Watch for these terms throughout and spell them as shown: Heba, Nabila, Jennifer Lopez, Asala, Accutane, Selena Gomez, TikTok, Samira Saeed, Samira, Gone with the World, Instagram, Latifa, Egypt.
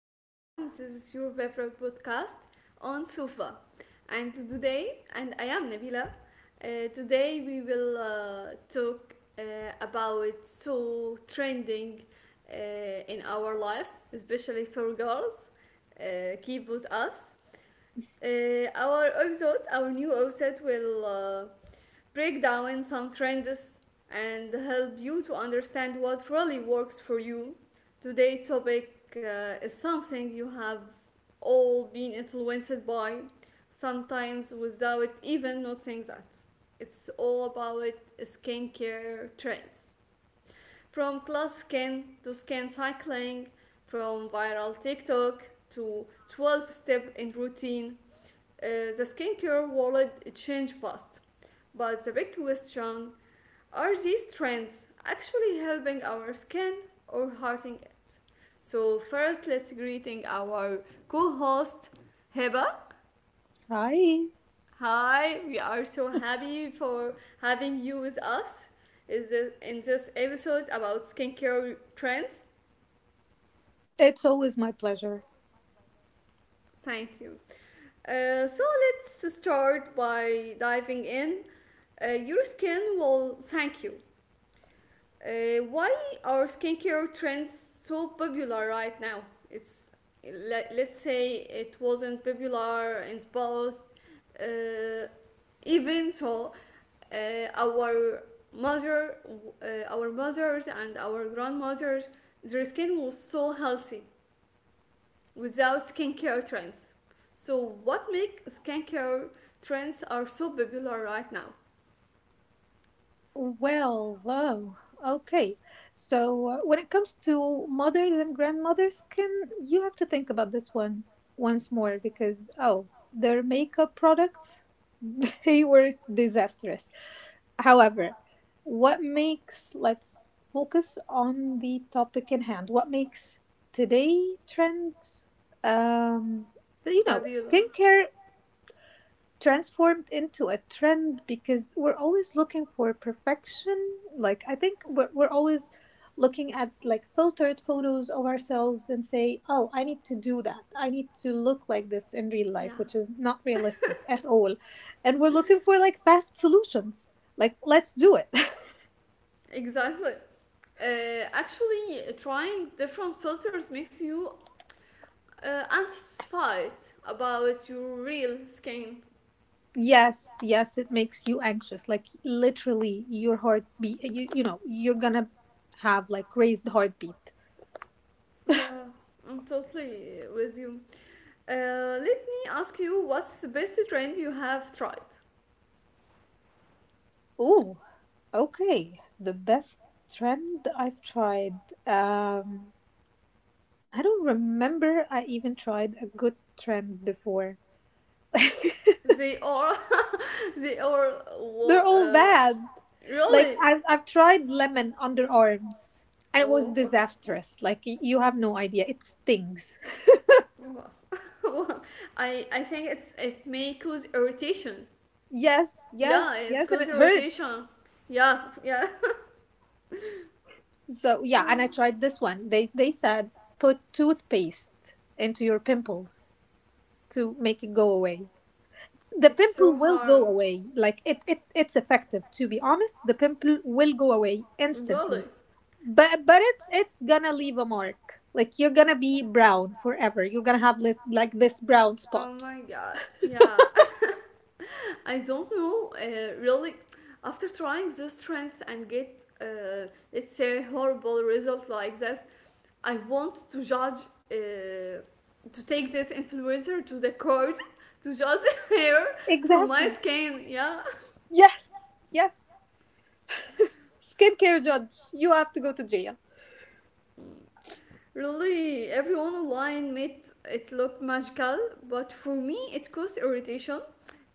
everyone, this is your favorite podcast on Sofa. And I am Nabila. Today we will talk about so trending uh, in our life, especially for girls. Keep with us. Our new episode will break down some trends and help you to understand what really works for you. Today topic is something you have all been influenced by, sometimes without even noticing that. It's all about skincare trends. From class skin to skin cycling, from viral TikTok to 12 step in routine, uh, the skincare world changed fast. But the big question, are these trends actually helping our skin or hurting it? So first, let's greeting our co-host, Heba. Hi, Hi, we are so happy for having you with us. In this episode about skincare trends? it's always my pleasure. Thank you. So let's start by diving in. Your skin will thank you. Why are skincare trends so popular right now? It's let's say it wasn't popular in the past. Uh, Even so, uh, our mother, uh, our mothers and our grandmothers, their skin was so healthy without skincare trends. So what make skincare trends are so popular right now? Well, though, okay. So, when it comes to mothers and grandmothers, can you have to think about this one once more because their makeup products they were disastrous. However, what makes let's focus on the topic in hand. What makes today trends um you know, Popular. skincare transformed into a trend because we're always looking for perfection. Like I think we're always looking at like filtered photos of ourselves and say, "Oh, I need to do that. I need to look like this in real life," Yeah, which is not realistic at all. And we're looking for like fast solutions. Like, let's do it. exactly. Actually, trying different filters makes you unsatisfied about your real skin. Yes, yes, it makes you anxious. Like literally your heart beat you're going to have like raised heartbeat. Yeah, I'm totally with you. Let me ask you, what's the best trend you have tried? Ooh, okay, the best trend I've tried. Um, I don't remember I even tried a good trend before. They are, they are, wa- They're all uh, bad. Like Really? I've tried lemon underarms, and it was Oh, okay. disastrous. Like you have no idea. It stings. Wow. I think it may cause irritation. Yes, Yeah, yes, it yes, and causes it hurts. irritation. Yeah, yeah. So yeah, and Mm. I tried this one. They said put toothpaste into your pimples to make it go away. The It's pimple so will go hard. away like it's effective, to be honest. The pimple will go away instantly, Really? but it's gonna leave a mark. Like you're gonna be brown forever. You're gonna have like this brown Oh spot. my god. Yeah. I don't know. Really, after trying this trends and get, let's say, horrible result like this, I want to judge, uh, to take this influencer to the court to judge her for my Exactly, skin. Yeah. yes, yes. Skincare judge, you have to go to jail. Really, everyone online made it look magical, but for me, it caused irritation.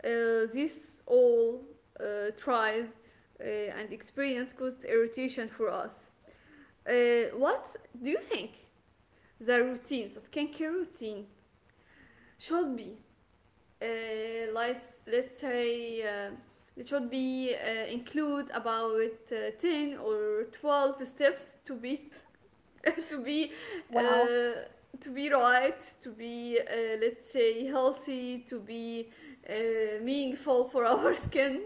This all tries uh, and experience caused irritation for us. What do you think the skincare routine should be? Let's say it should be include about 10 or 12 steps to be to be Wow. uh, to be right, to be let's say healthy, to be meaningful for our skin.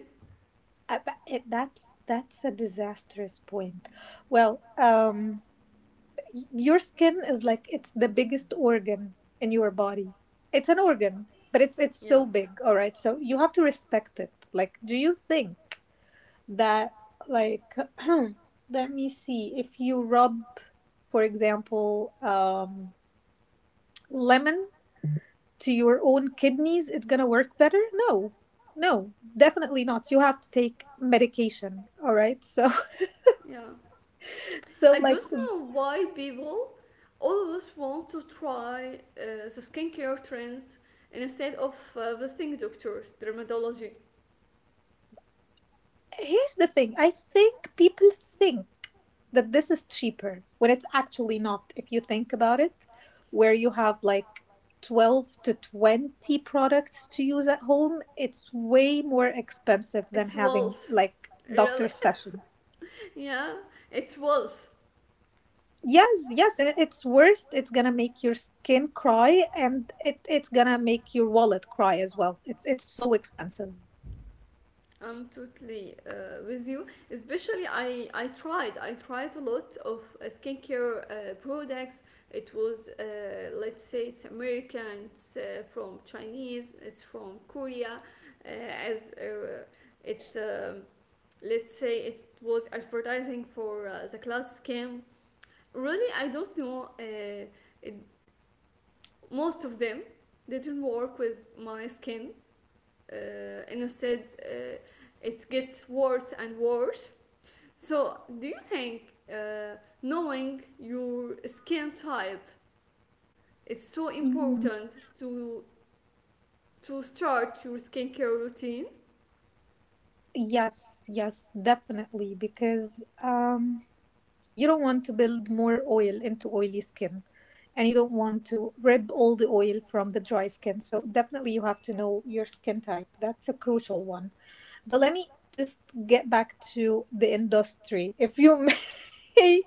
that's a disastrous point. Well, your skin is like it's the biggest organ in your body. It's an organ, but it's so Yeah. big, all right? So you have to respect it. Like, do you think that like let me see, if you rub, for example, lemon to your own kidneys, it's gonna work better? No. No, definitely not. You have to take medication, all right? So Yeah. so I like don't know why people always want to try the skincare trends instead of visiting doctors, dermatology. here's the thing. I think people think that this is cheaper when it's actually not. If you think about it, where you have like 12 to 20 products to use at home, it's way more expensive than It's having walls. like Really? doctor's session. Yeah, it's walls. Yes, yes, and it's worse. It's gonna make your skin cry, and it's gonna make your wallet cry as well. It's so expensive. I'm totally with you. Especially, I tried. I tried a lot of skincare products. It was let's say it's American, it's from Chinese, it's from Korea, uh, as it let's say it was advertising for the class skin. Really, I don't know. It, Most of them didn't work with my skin uh, instead it gets worse and worse. So do you think knowing your skin type is so Mhm. important to start your skincare routine. Yes, yes, definitely. Because you don't want to build more oil into oily skin, and you don't want to rip all the oil from the dry skin. So definitely you have to know your skin type. That's a crucial one. But let me just get back to the industry, if you may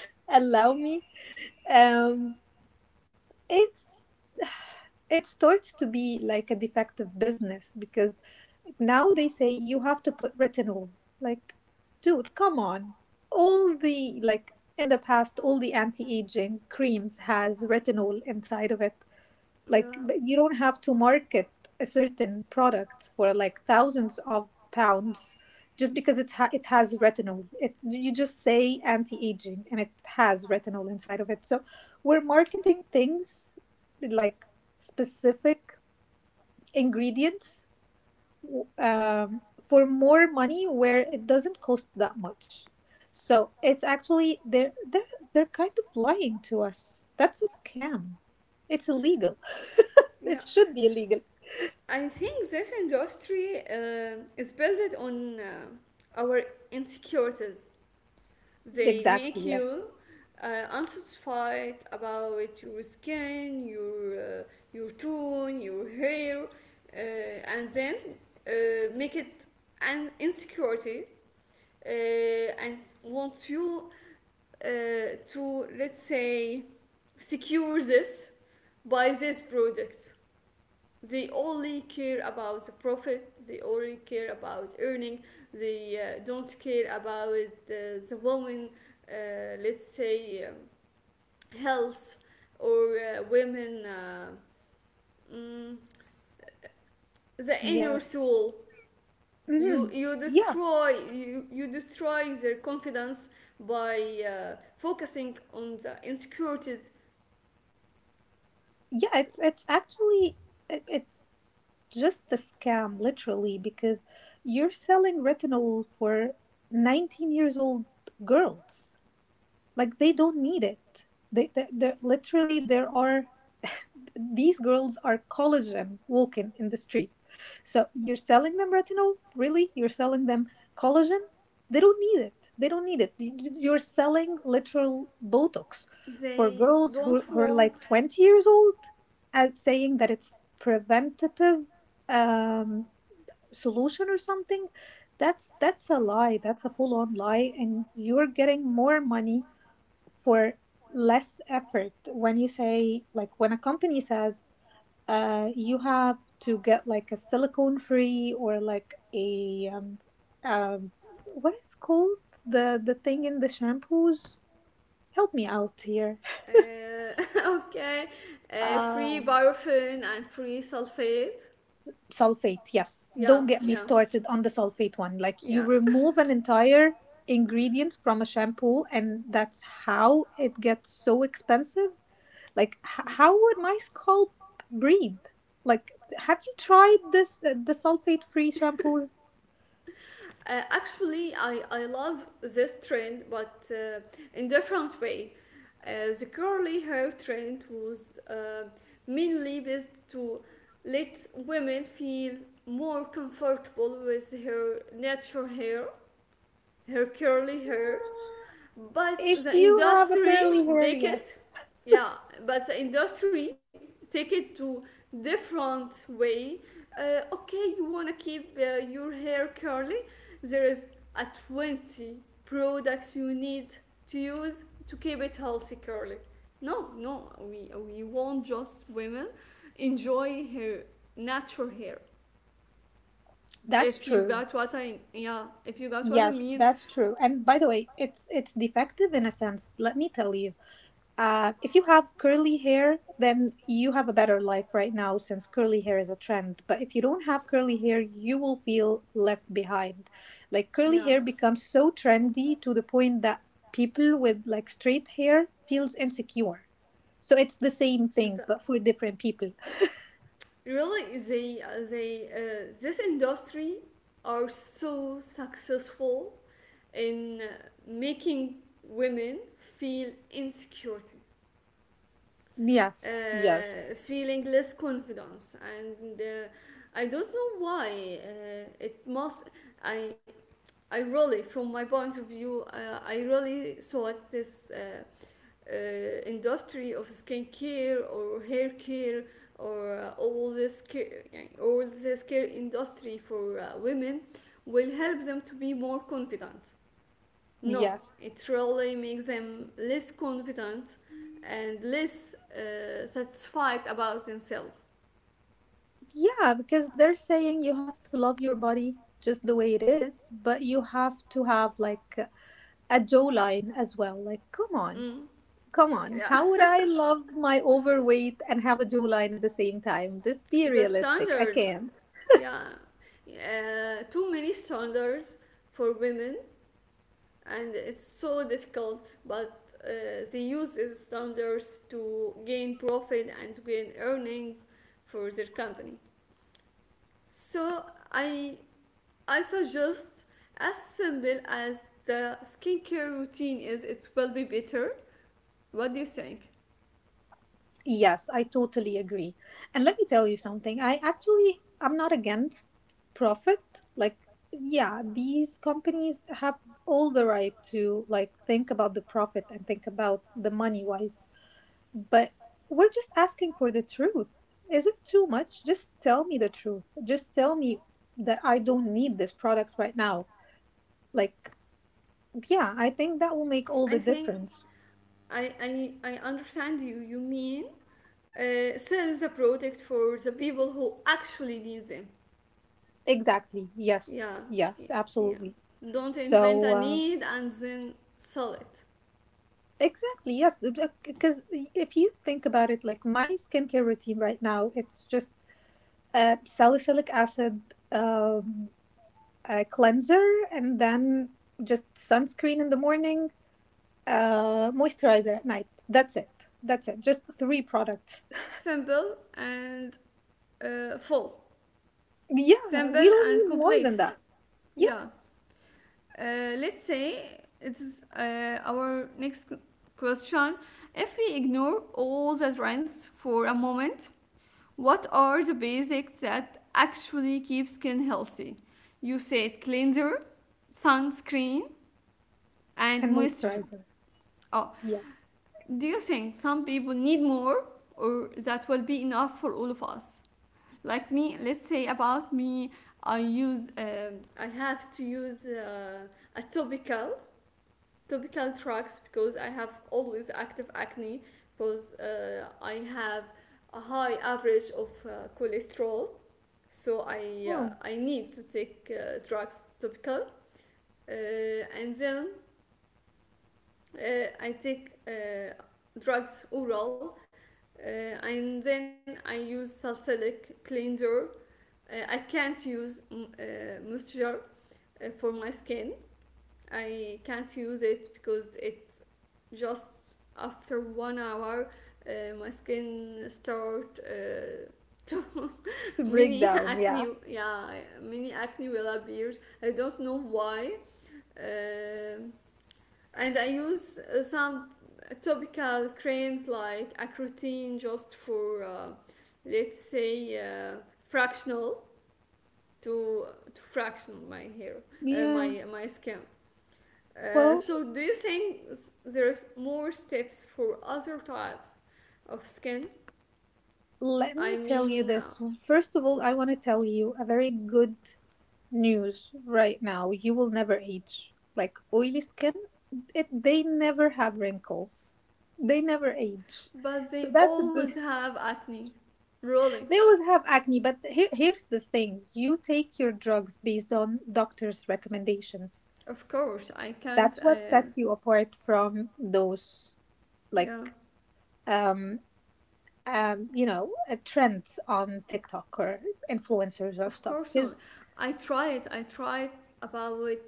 allow me. Um, it's it starts to be like a defective business because now they say you have to put retinol. Like, dude, come on. All the in the past, all the anti-aging creams has retinol inside of it. Like, Yeah, you don't have to market a certain product for like thousands of pounds just because it's it has retinol. It, you just say anti-aging and it has retinol inside of it. So we're marketing things like specific ingredients, for more money where it doesn't cost that much. So it's actually they're kind of lying to us. That's a scam. It's illegal. yeah, It should be illegal. I think this industry is built on our insecurities. They Exactly. make Yes. you unsatisfied about your skin, your tone, your hair, and then make it an insecurity, and want you uh, to let's say secure this by this product. They only care about the profit, they only care about earning, they don't care about the woman, let's say, health or women, mm, the inner Yeah. soul. You, Hmm. you Yeah. destroy you destroy their confidence by focusing on the insecurities. Yeah. It's actually it's just a scam, literally, because you're selling retinol for 19 years old girls. Like they don't need it. They literally there are these girls are collagen walking in the street. So you're selling them retinol? Really? You're selling them collagen? They don't need it. They don't need it. You're selling literal Botox for They girls don't who are like want. 20 years old and saying that it's preventative, um, solution or something. That's a lie. That's a full on lie, and you're getting more money for less effort when you say like when a company says, you have to get like a silicone free or like a um what is called the thing in the shampoos. Help me out here. Uh, okay, uh free paraffin and free sulfate. Sulfate, yes. Don't Yeah, get me yeah, started on the sulfate one. Like, you yeah. remove an entire ingredient from a shampoo, and that's how it gets so expensive. Like, how would my scalp breathe? Like, have you tried this the sulfate free shampoo? Actually, I love this trend, but in different way. The curly hair trend was mainly based to let women feel more comfortable with her natural hair, her curly hair, but If the you have a industry curly hair, take yes, it yeah, but the industry take it to different way. Okay, you want to keep your hair curly, there is a 20 products you need to use to keep it healthy curly. No, no, we want just women enjoy her natural hair. that's If you true. got what I Yeah, if you got what I Yes, mean. that's true. And by the way, it's defective in a sense. Let me tell you. If you have curly hair, then you have a better life right now since curly hair is a trend. But if you don't have curly hair, you will feel left behind. Like curly Yeah, hair becomes so trendy to the point that people with like straight hair feels insecure. So it's the same thing but exactly. for different people. Really, they this industry are so successful in making women feel insecurity, Yes, yes, feeling less confidence, and I don't know why. It must I I really, from my point of view, I really thought this uh, industry of skincare or hair care or all this care industry for women will help them to be more confident. No, yes. it really makes them less confident and less satisfied about themselves. Yeah, because they're saying you have to love your body just the way it is, but you have to have like a jawline as well. Like, come on. Mm. Come on, Yeah. how would I love my overweight and have a jawline at the same time? Just be The realistic. I standards, can't. yeah, too many standards for women and it's so difficult, but they use these standards to gain profit and to gain earnings for their company. So i I suggest as simple as the skincare routine is, it will be better. What do you think? Yes, I totally agree. And let me tell you something. I'm not against profit. Like, yeah, these companies have all the right to like think about the profit and think about the money wise. But we're just asking for the truth. Is it too much? Just tell me the truth. Just tell me that I don't need this product right now. Like, yeah, I think that will make all the i think difference. I, I, I understand you. You mean sell the product for the people who actually need them. Exactly. Yes. Yeah, Yes, yeah, yeah. absolutely. Don't invent So, a need and then sell it. exactly. Yes. Because if you think about it, like my skincare routine right now, it's just salicylic acid, um, a cleanser, and then just sunscreen in the morning, moisturizer at night. That's it. That's it. Just three products. Simple and full. Yeah. We Simple don't and need more than complete. that. Yeah. Yeah. Let's say it's our next question. If we ignore all the trends for a moment, what are the basics that actually keep skin healthy? You said cleanser, sunscreen, and And moisturizer. moisturizer. Oh, Yes. do you think some people need more or that will be enough for all of us? Like me, let's say about me, I have to use a topical drugs because I have always active acne because I have a high average of cholesterol, so I uh, Oh, I need to take drugs topical, uh, and then I take drugs oral, and then I use salicylic cleanser. I can't use moisture for my skin. I can't use it because it, just after one hour, my skin start to to break mini down. Yeah. acne, yeah, mini acne will appear. I don't know why. Um and I use some topical creams like Accutane just for let's say fractional to to fraction my hair Yeah. my skin. Well, So do you think there's more steps for other types of skin? let me I tell you mean, this. First of all, I want to tell you a very good news right now. You will never age. Like oily skin, they never have wrinkles. They never age. but So they that's a good. always have acne, really. They always have acne, but here, here's the thing. You take your drugs based on doctor's recommendations. Of course, I can't. That's what sets you apart from those Yeah, like um you know, trends on TikTok or influencers or of stuff. course Because not. I tried. I tried about.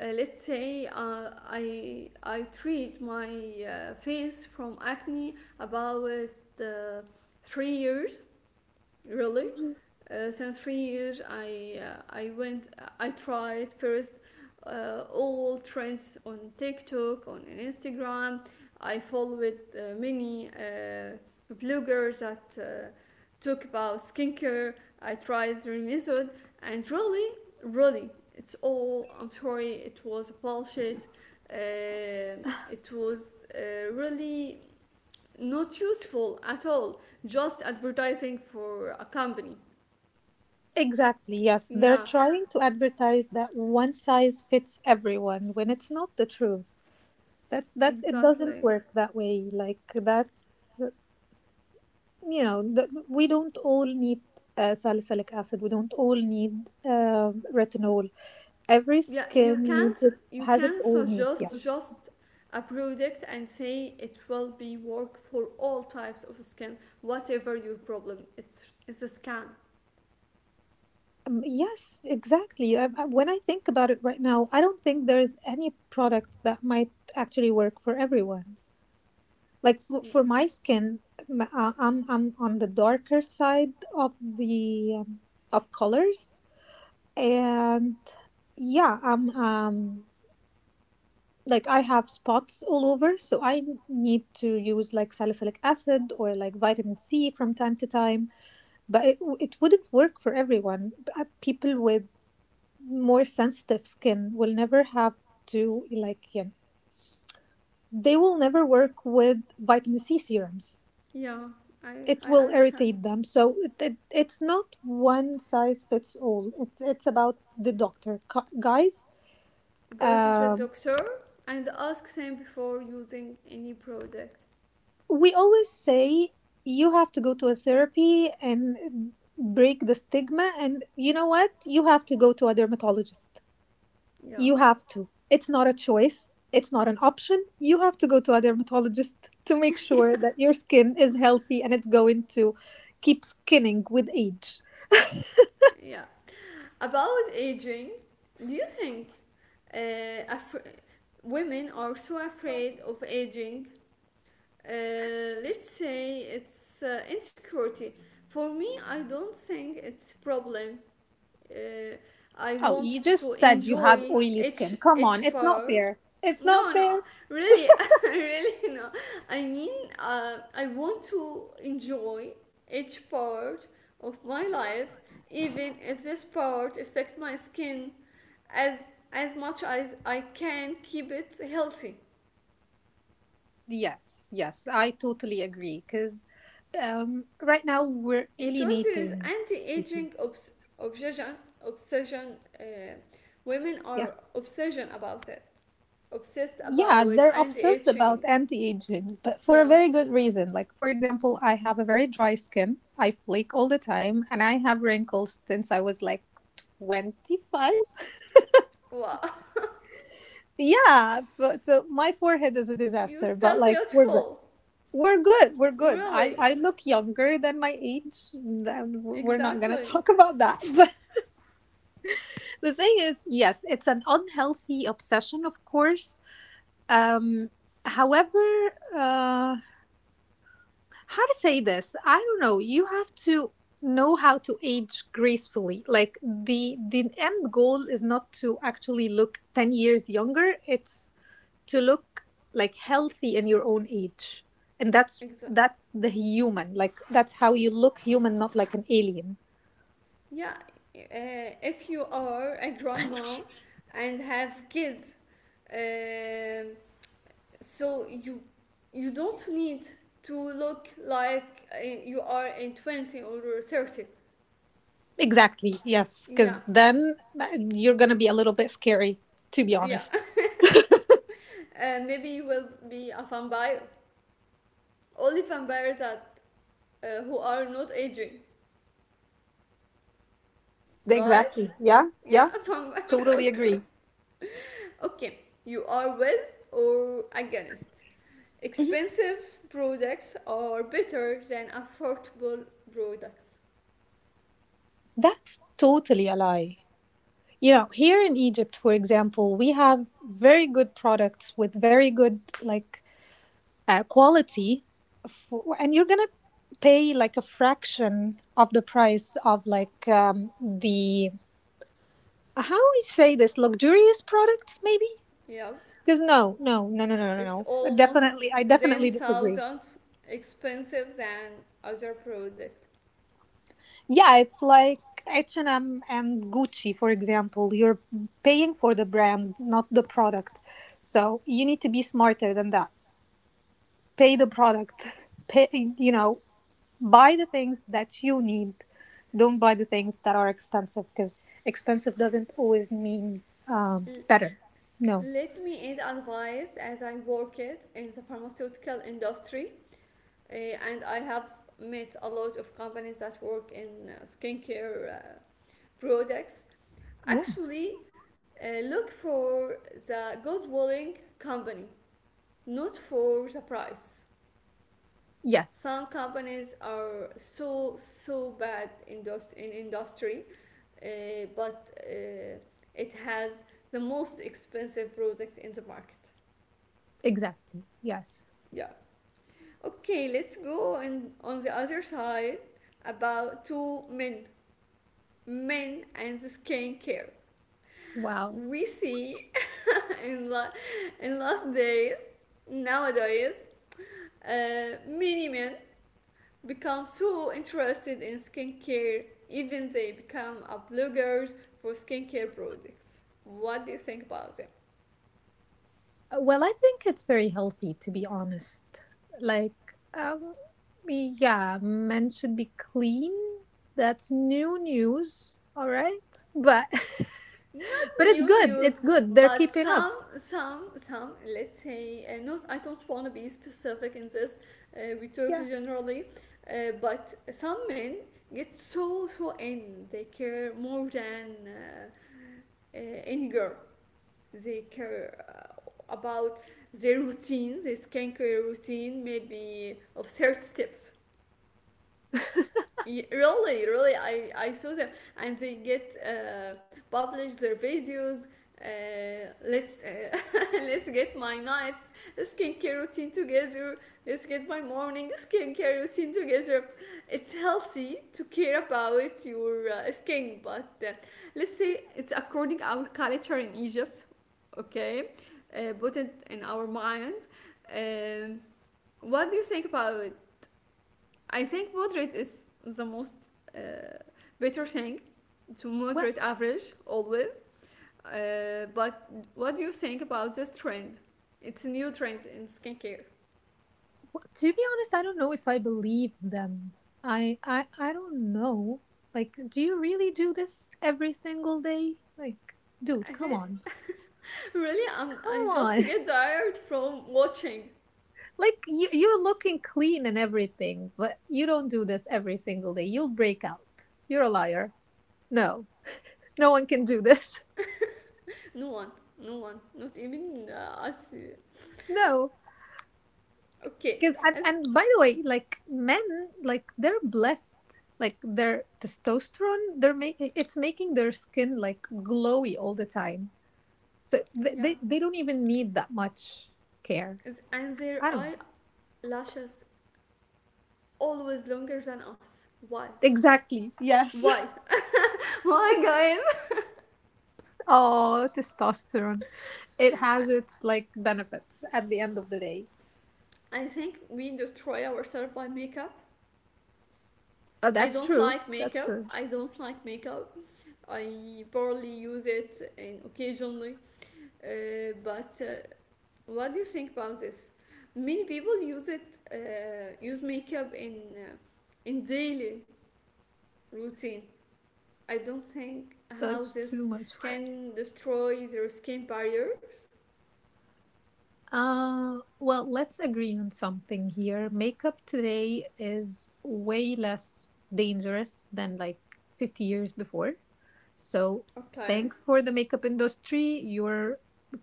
Let's say I treat my face from acne about uh, 3 years. Really. mhm, Since 3 years, I went I tried first all trends on TikTok, on Instagram. I followed many bloggers that talk about skincare. I tried their method, and really, really, it's all. I'm sorry, it was bullshit. It was really not useful at all. Just advertising for a company. exactly, yes, they're Yeah, trying to advertise that one size fits everyone when it's not the truth. That it doesn't exactly. work that way. Like that's you know, we don't all need salicylic acid. We don't all need retinol. Every Yeah, skin you needs can't it, you has its can own needs. Yeah. suggest just a product and say it will be work for all types of skin, whatever your problem. It's a scam. Yes, exactly. When I think about it right now, I don't think there is any product that might actually work for everyone. Like Yeah. for my skin, I'm on the darker side of the, um, of colors, and yeah, I'm like I have spots all over, so I need to use like salicylic acid or like vitamin C from time to time. But it wouldn't work for everyone. People with more sensitive skin will never have to like yeah, they will never work with vitamin C serums. Yeah, I It I will understand. irritate them. So it it's not one size fits all. It's about the doctor, guys. Go to the Um, doctor and ask him before using any product. we always say you have to go to a therapy and break the stigma, and you know what, you have to go to a dermatologist. Yeah. You have to. It's not a choice, it's not an option. You have to go to a dermatologist to make sure that your skin is healthy and it's going to keep skinning with age. Yeah. About aging, do you think uh, af- women are so afraid of aging? Let's say it's insecurity. For me, I don't think it's problem. Uh, I Oh, you want to just said you have enjoy oily each skin, come on. each It's not part. fair, it's not No, no, fair. really, really, no. I mean, I want to enjoy each part of my life, even if this part affects my skin, as as much as I can keep it healthy. Yes, yes, I totally agree. Because right now we're Because there is alienating people. anti-aging obsession obsession. Women Yeah, are obsession about it, obsessed yeah, about they're obsessed about anti-aging. anti-aging, but for a Yeah. very good reason. Like, for example, I have a very dry skin. I flake all the time, and I have wrinkles since I was like 25. Wow. Yeah, but so my forehead is a You're disaster. But still like, we're good. beautiful. We're good. We're good. Really. I look younger than my age. Then we're not gonna Exactly. talk about that. The thing is, yes, it's an unhealthy obsession, of course. Um, however, how to say this? I don't know. You have to know how to age gracefully. Like the end goal is not to actually look 10 years younger. It's to look like healthy in your own age, and Exactly. that's the human. Like that's how you look human, not like an alien. Yeah. If you are a grandma and have kids, um so you don't need to look like you are in 20 or 30. Exactly. Yes, Yeah, because then you're gonna be a little bit scary, to be yeah. honest. Maybe you will be a vampire. Only vampires, that who are not aging, right? Exactly. Yeah. Yeah, Yeah. vampire. Totally Okay, agree. okay. You are with or against? Mhm. Expensive products are better than affordable products. That's totally a lie. You know, here in Egypt, for example, we have very good products with very good like quality, and you're gonna pay like a fraction of the price of like the how we say this luxurious products, maybe. Yeah, Because no, no, no, no, no, no, it's no. Definitely, almost I ten definitely disagree. thousand expensive than other product. Yeah, it's like H and M and Gucci, for example. You're paying for the brand, not the product. So you need to be smarter than that. Pay the product. Pay, you know, buy the things that you need. Don't buy the things that are expensive because expensive doesn't always mean um, L- better. No. Let me add advice as I worked in the pharmaceutical industry. Uh, and I have met a lot of companies that work in skincare products. Ooh. Actually, look for the good willing company, not for the price. Yes. Some companies are so so bad in industry, but it has the most expensive product in the market. Exactly. Yes. Yeah. Okay, let's go and on the other side about two men, and skincare. Wow. We see in, la- in last days, nowadays, many men become so interested in skincare, even they become a bloggers for skincare products. What do you think about it? Well, I think it's very healthy to be honest. Like, um, yeah, men should be clean. That's new news. All right, but Not but it's new good. news. It's good. They're But keeping up. some let's say, not, I don't want to be specific in this. We talk Yeah. generally, but some men get so in, they care more than any girl. They care, about their routine, their skincare routine, maybe of certain steps. Really, really I saw them, and they get, publish their videos. Let's Let's get my night skincare routine together. Let's get my morning skincare routine together. It's healthy to care about your, skin, but let's say it's according our culture in Egypt. Okay. Put it in our mind. um, what do you think about? I think moderate is the most, uh, better thing. To Well, moderate average always. But what do you think about this trend? It's a new trend in skincare. To be honest, I don't know if I believe them. I don't know. Like, do you really do this every single day? Like, dude, I come re- on, Really, I'm come just on. get tired from watching. Like you're looking clean and everything, but you don't do this every single day. You'll break out. You're a liar. No, no one can do this. No one, no one, not even, us. No, Okay, because and, as, and by the way, like men, like they're blessed. Like their testosterone, it's making their skin like glowy all the time. So yeah, they don't even need that much care. as, and their I don't know. eyelashes always longer than us. Why? Exactly. Yes. Why? Why, guys? Oh, testosterone. It has its like benefits at the end of the day. I think we destroy ourselves by makeup. Oh, I that's don't true. like That's makeup. true. I don't like makeup. I barely use it and occasionally. But What do you think about this? Many people use it, use makeup in, in daily routine. I don't think how That's too this much work. can destroy their skin barriers. Well, let's agree on something here. Makeup today is way less dangerous than like 50 years before. So, Okay, thanks for the makeup industry. You're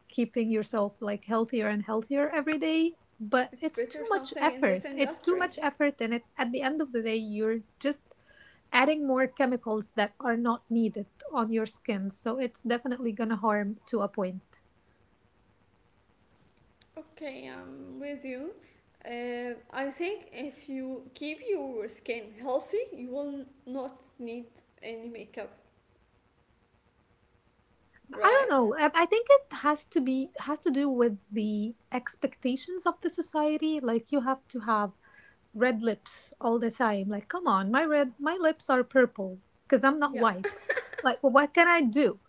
keeping yourself like healthier and healthier every day, but it's it's better too much something in this effort. It's too industry. much effort and at the end of the day you're just adding more chemicals that are not needed on your skin. So it's definitely gonna harm to a point. Okay, I'm with you. I think if you keep your skin healthy, you will not need any makeup, I don't right? know. I think it has to be has to do with the expectations of the society. Like you have to have red lips all the time. Like, come on, my lips are purple because I'm not Yeah. white. Like, well, what can I do?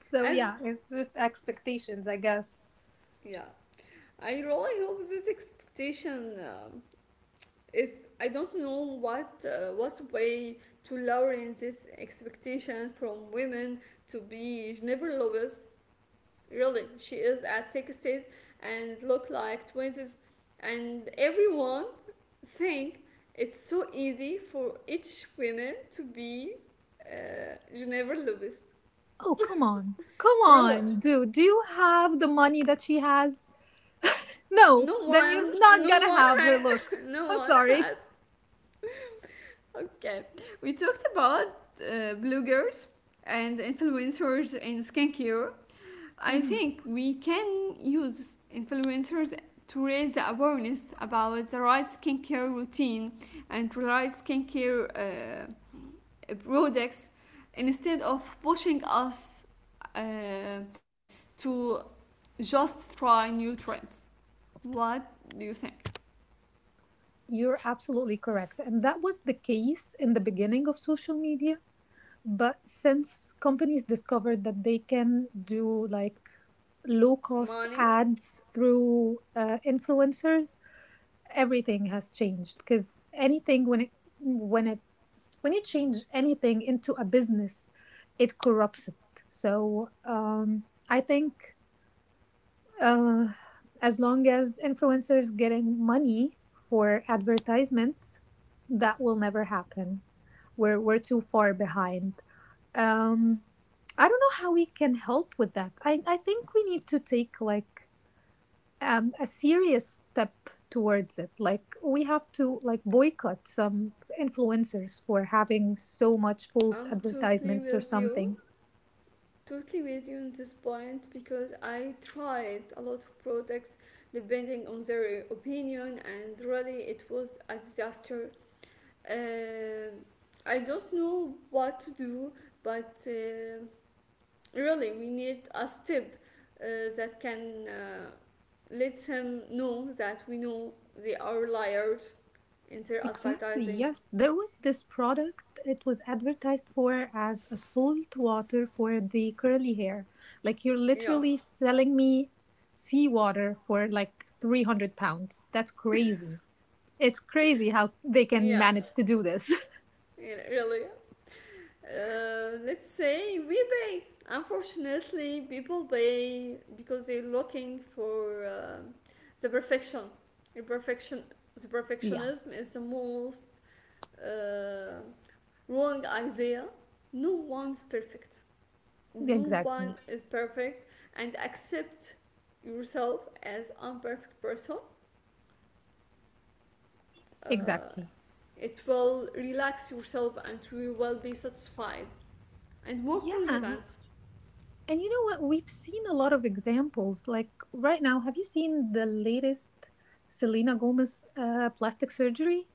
So As, yeah, it's just expectations, I guess. yeah, I really hope this expectation, is. I don't know what, what way to lower in this expectation from women to be Jennifer Lopez. Really, she is at 60s and look like 20s, and everyone think it's so easy for each woman to be, Geneva Lubist. Oh, come on. Come Really, on, dude. Do you have the money that she has? No, no then one, you're not no one, gonna have her looks. no I'm one sorry. has. Okay, we talked about, bloggers and influencers in skincare. I Mhm. think we can use influencers to raise the awareness about the right skincare routine and the right skincare, products, instead of pushing us, uh, to just try new trends. What do you think? You're absolutely correct. And that was the case in the beginning of social media. But since companies discovered that they can do like low cost Money, ads through influencers, everything has changed. Because anything when it when it when you change anything into a business, it corrupts it. So I think Uh, as long as influencers getting money for advertisements, that will never happen. We're too far behind. Um, I don't know how we can help with that. I think we need to take like a serious step towards it. Like we have to like boycott some influencers for having so much false I'm totally advertisement or with you. something. Totally with you on this point, because I tried a lot of products depending on their opinion, and really it was a disaster. Uh, I don't know what to do, but really we need a step, uh, that can, let him know that we know they are liars in their Exactly, advertising. yes. There was this product it was advertised for as a salt water for the curly hair. Like you're Yeah, literally selling me seawater for like £300. That's crazy. It's crazy how they can yeah, manage to do this. yeah, really, let's say we pay. Unfortunately people pay because they're looking for, the perfection, the perfection, the Yeah, perfectionism is the most, uh, wrong idea. No one's perfect. No one exactly. is perfect. And accept yourself as imperfect person, uh, Exactly. it will relax yourself and you will be satisfied and more Yeah. confident. And you know what? We've seen a lot of examples. Like right now, have you seen the latest Selena Gomez plastic surgery?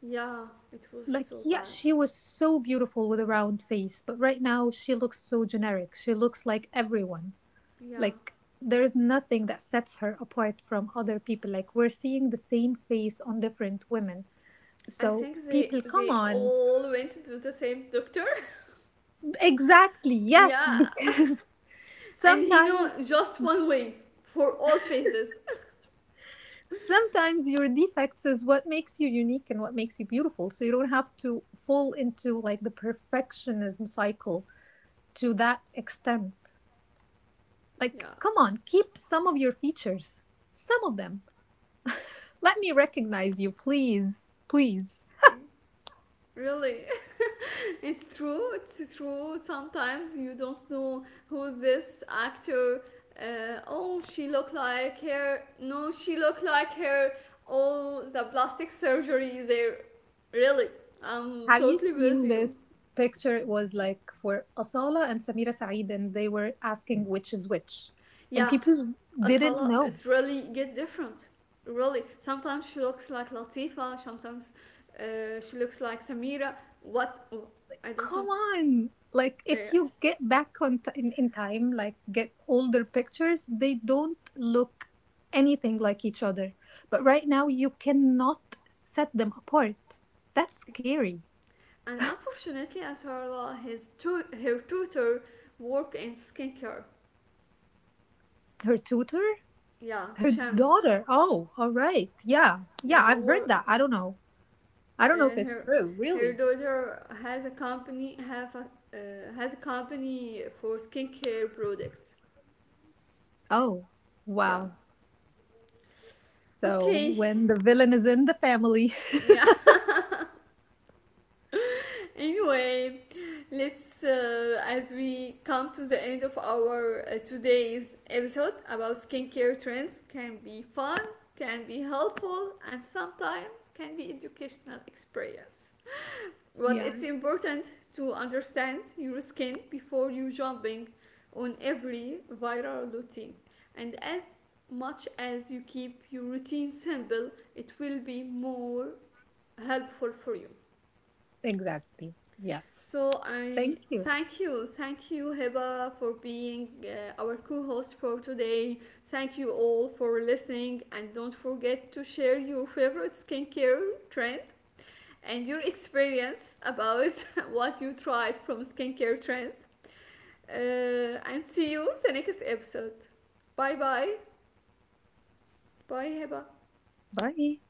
Yeah, it was Like so yeah bad. she was so beautiful with a round face but right now she looks so generic, she looks like everyone. Yeah, Like there is nothing that sets her apart from other people, like we're seeing the same face on different women. I So think they people come they on. all went to the same doctor. Exactly, yes, Yeah. because And he sometimes know just one way for all faces. sometimes your defects is what makes you unique and what makes you beautiful, so you don't have to fall into like the perfectionism cycle to that extent. Yeah, Like, come on, keep some of your features, some of them. Let me recognize you, please, please. really. It's true. It's true. Sometimes you don't know who's this actor. Oh, she look like her. No, she look like her. Oh, the plastic surgery is there. Really, I'm Have you totally with seen you. this picture? It was like for Asala and Samira Saeed, and they were asking which is which, and Yeah, people didn't Asala know. is really get different. Really, sometimes she looks like Latifa. Sometimes, she looks like Samira. What? Oh, I don't Come know. on, like Yeah. if you get back in time, like get older pictures, they don't look anything like each other, but right now you cannot set them apart. That's scary. And unfortunately, Asarla, her tutor, work in skincare. Her tutor. Yeah, Her Sham. daughter. Oh, all right. Yeah. Yeah, Yeah, I've heard work. that. I don't know. I Uh, don't know if it's her true, her really. daughter has a company, have a, has a company for skincare products. Oh, Yeah. wow. So Okay. when the villain is in the family. Yeah. Anyway, let's as we come to the end of our, today's episode about skincare trends, can be fun, can be helpful, and sometimes can be educational experience. But it's Yes, important to understand your skin before you jumping on every viral routine. And as much as you keep your routine simple, it will be more helpful for you. exactly. Yes. So I Thank you. Thank you, Heba, for being, our co-host for today. Thank you all for listening, and don't forget to share your favorite skincare trend and your experience about what you tried from skincare trends. And see you the next episode. Bye bye, bye Heba. Bye.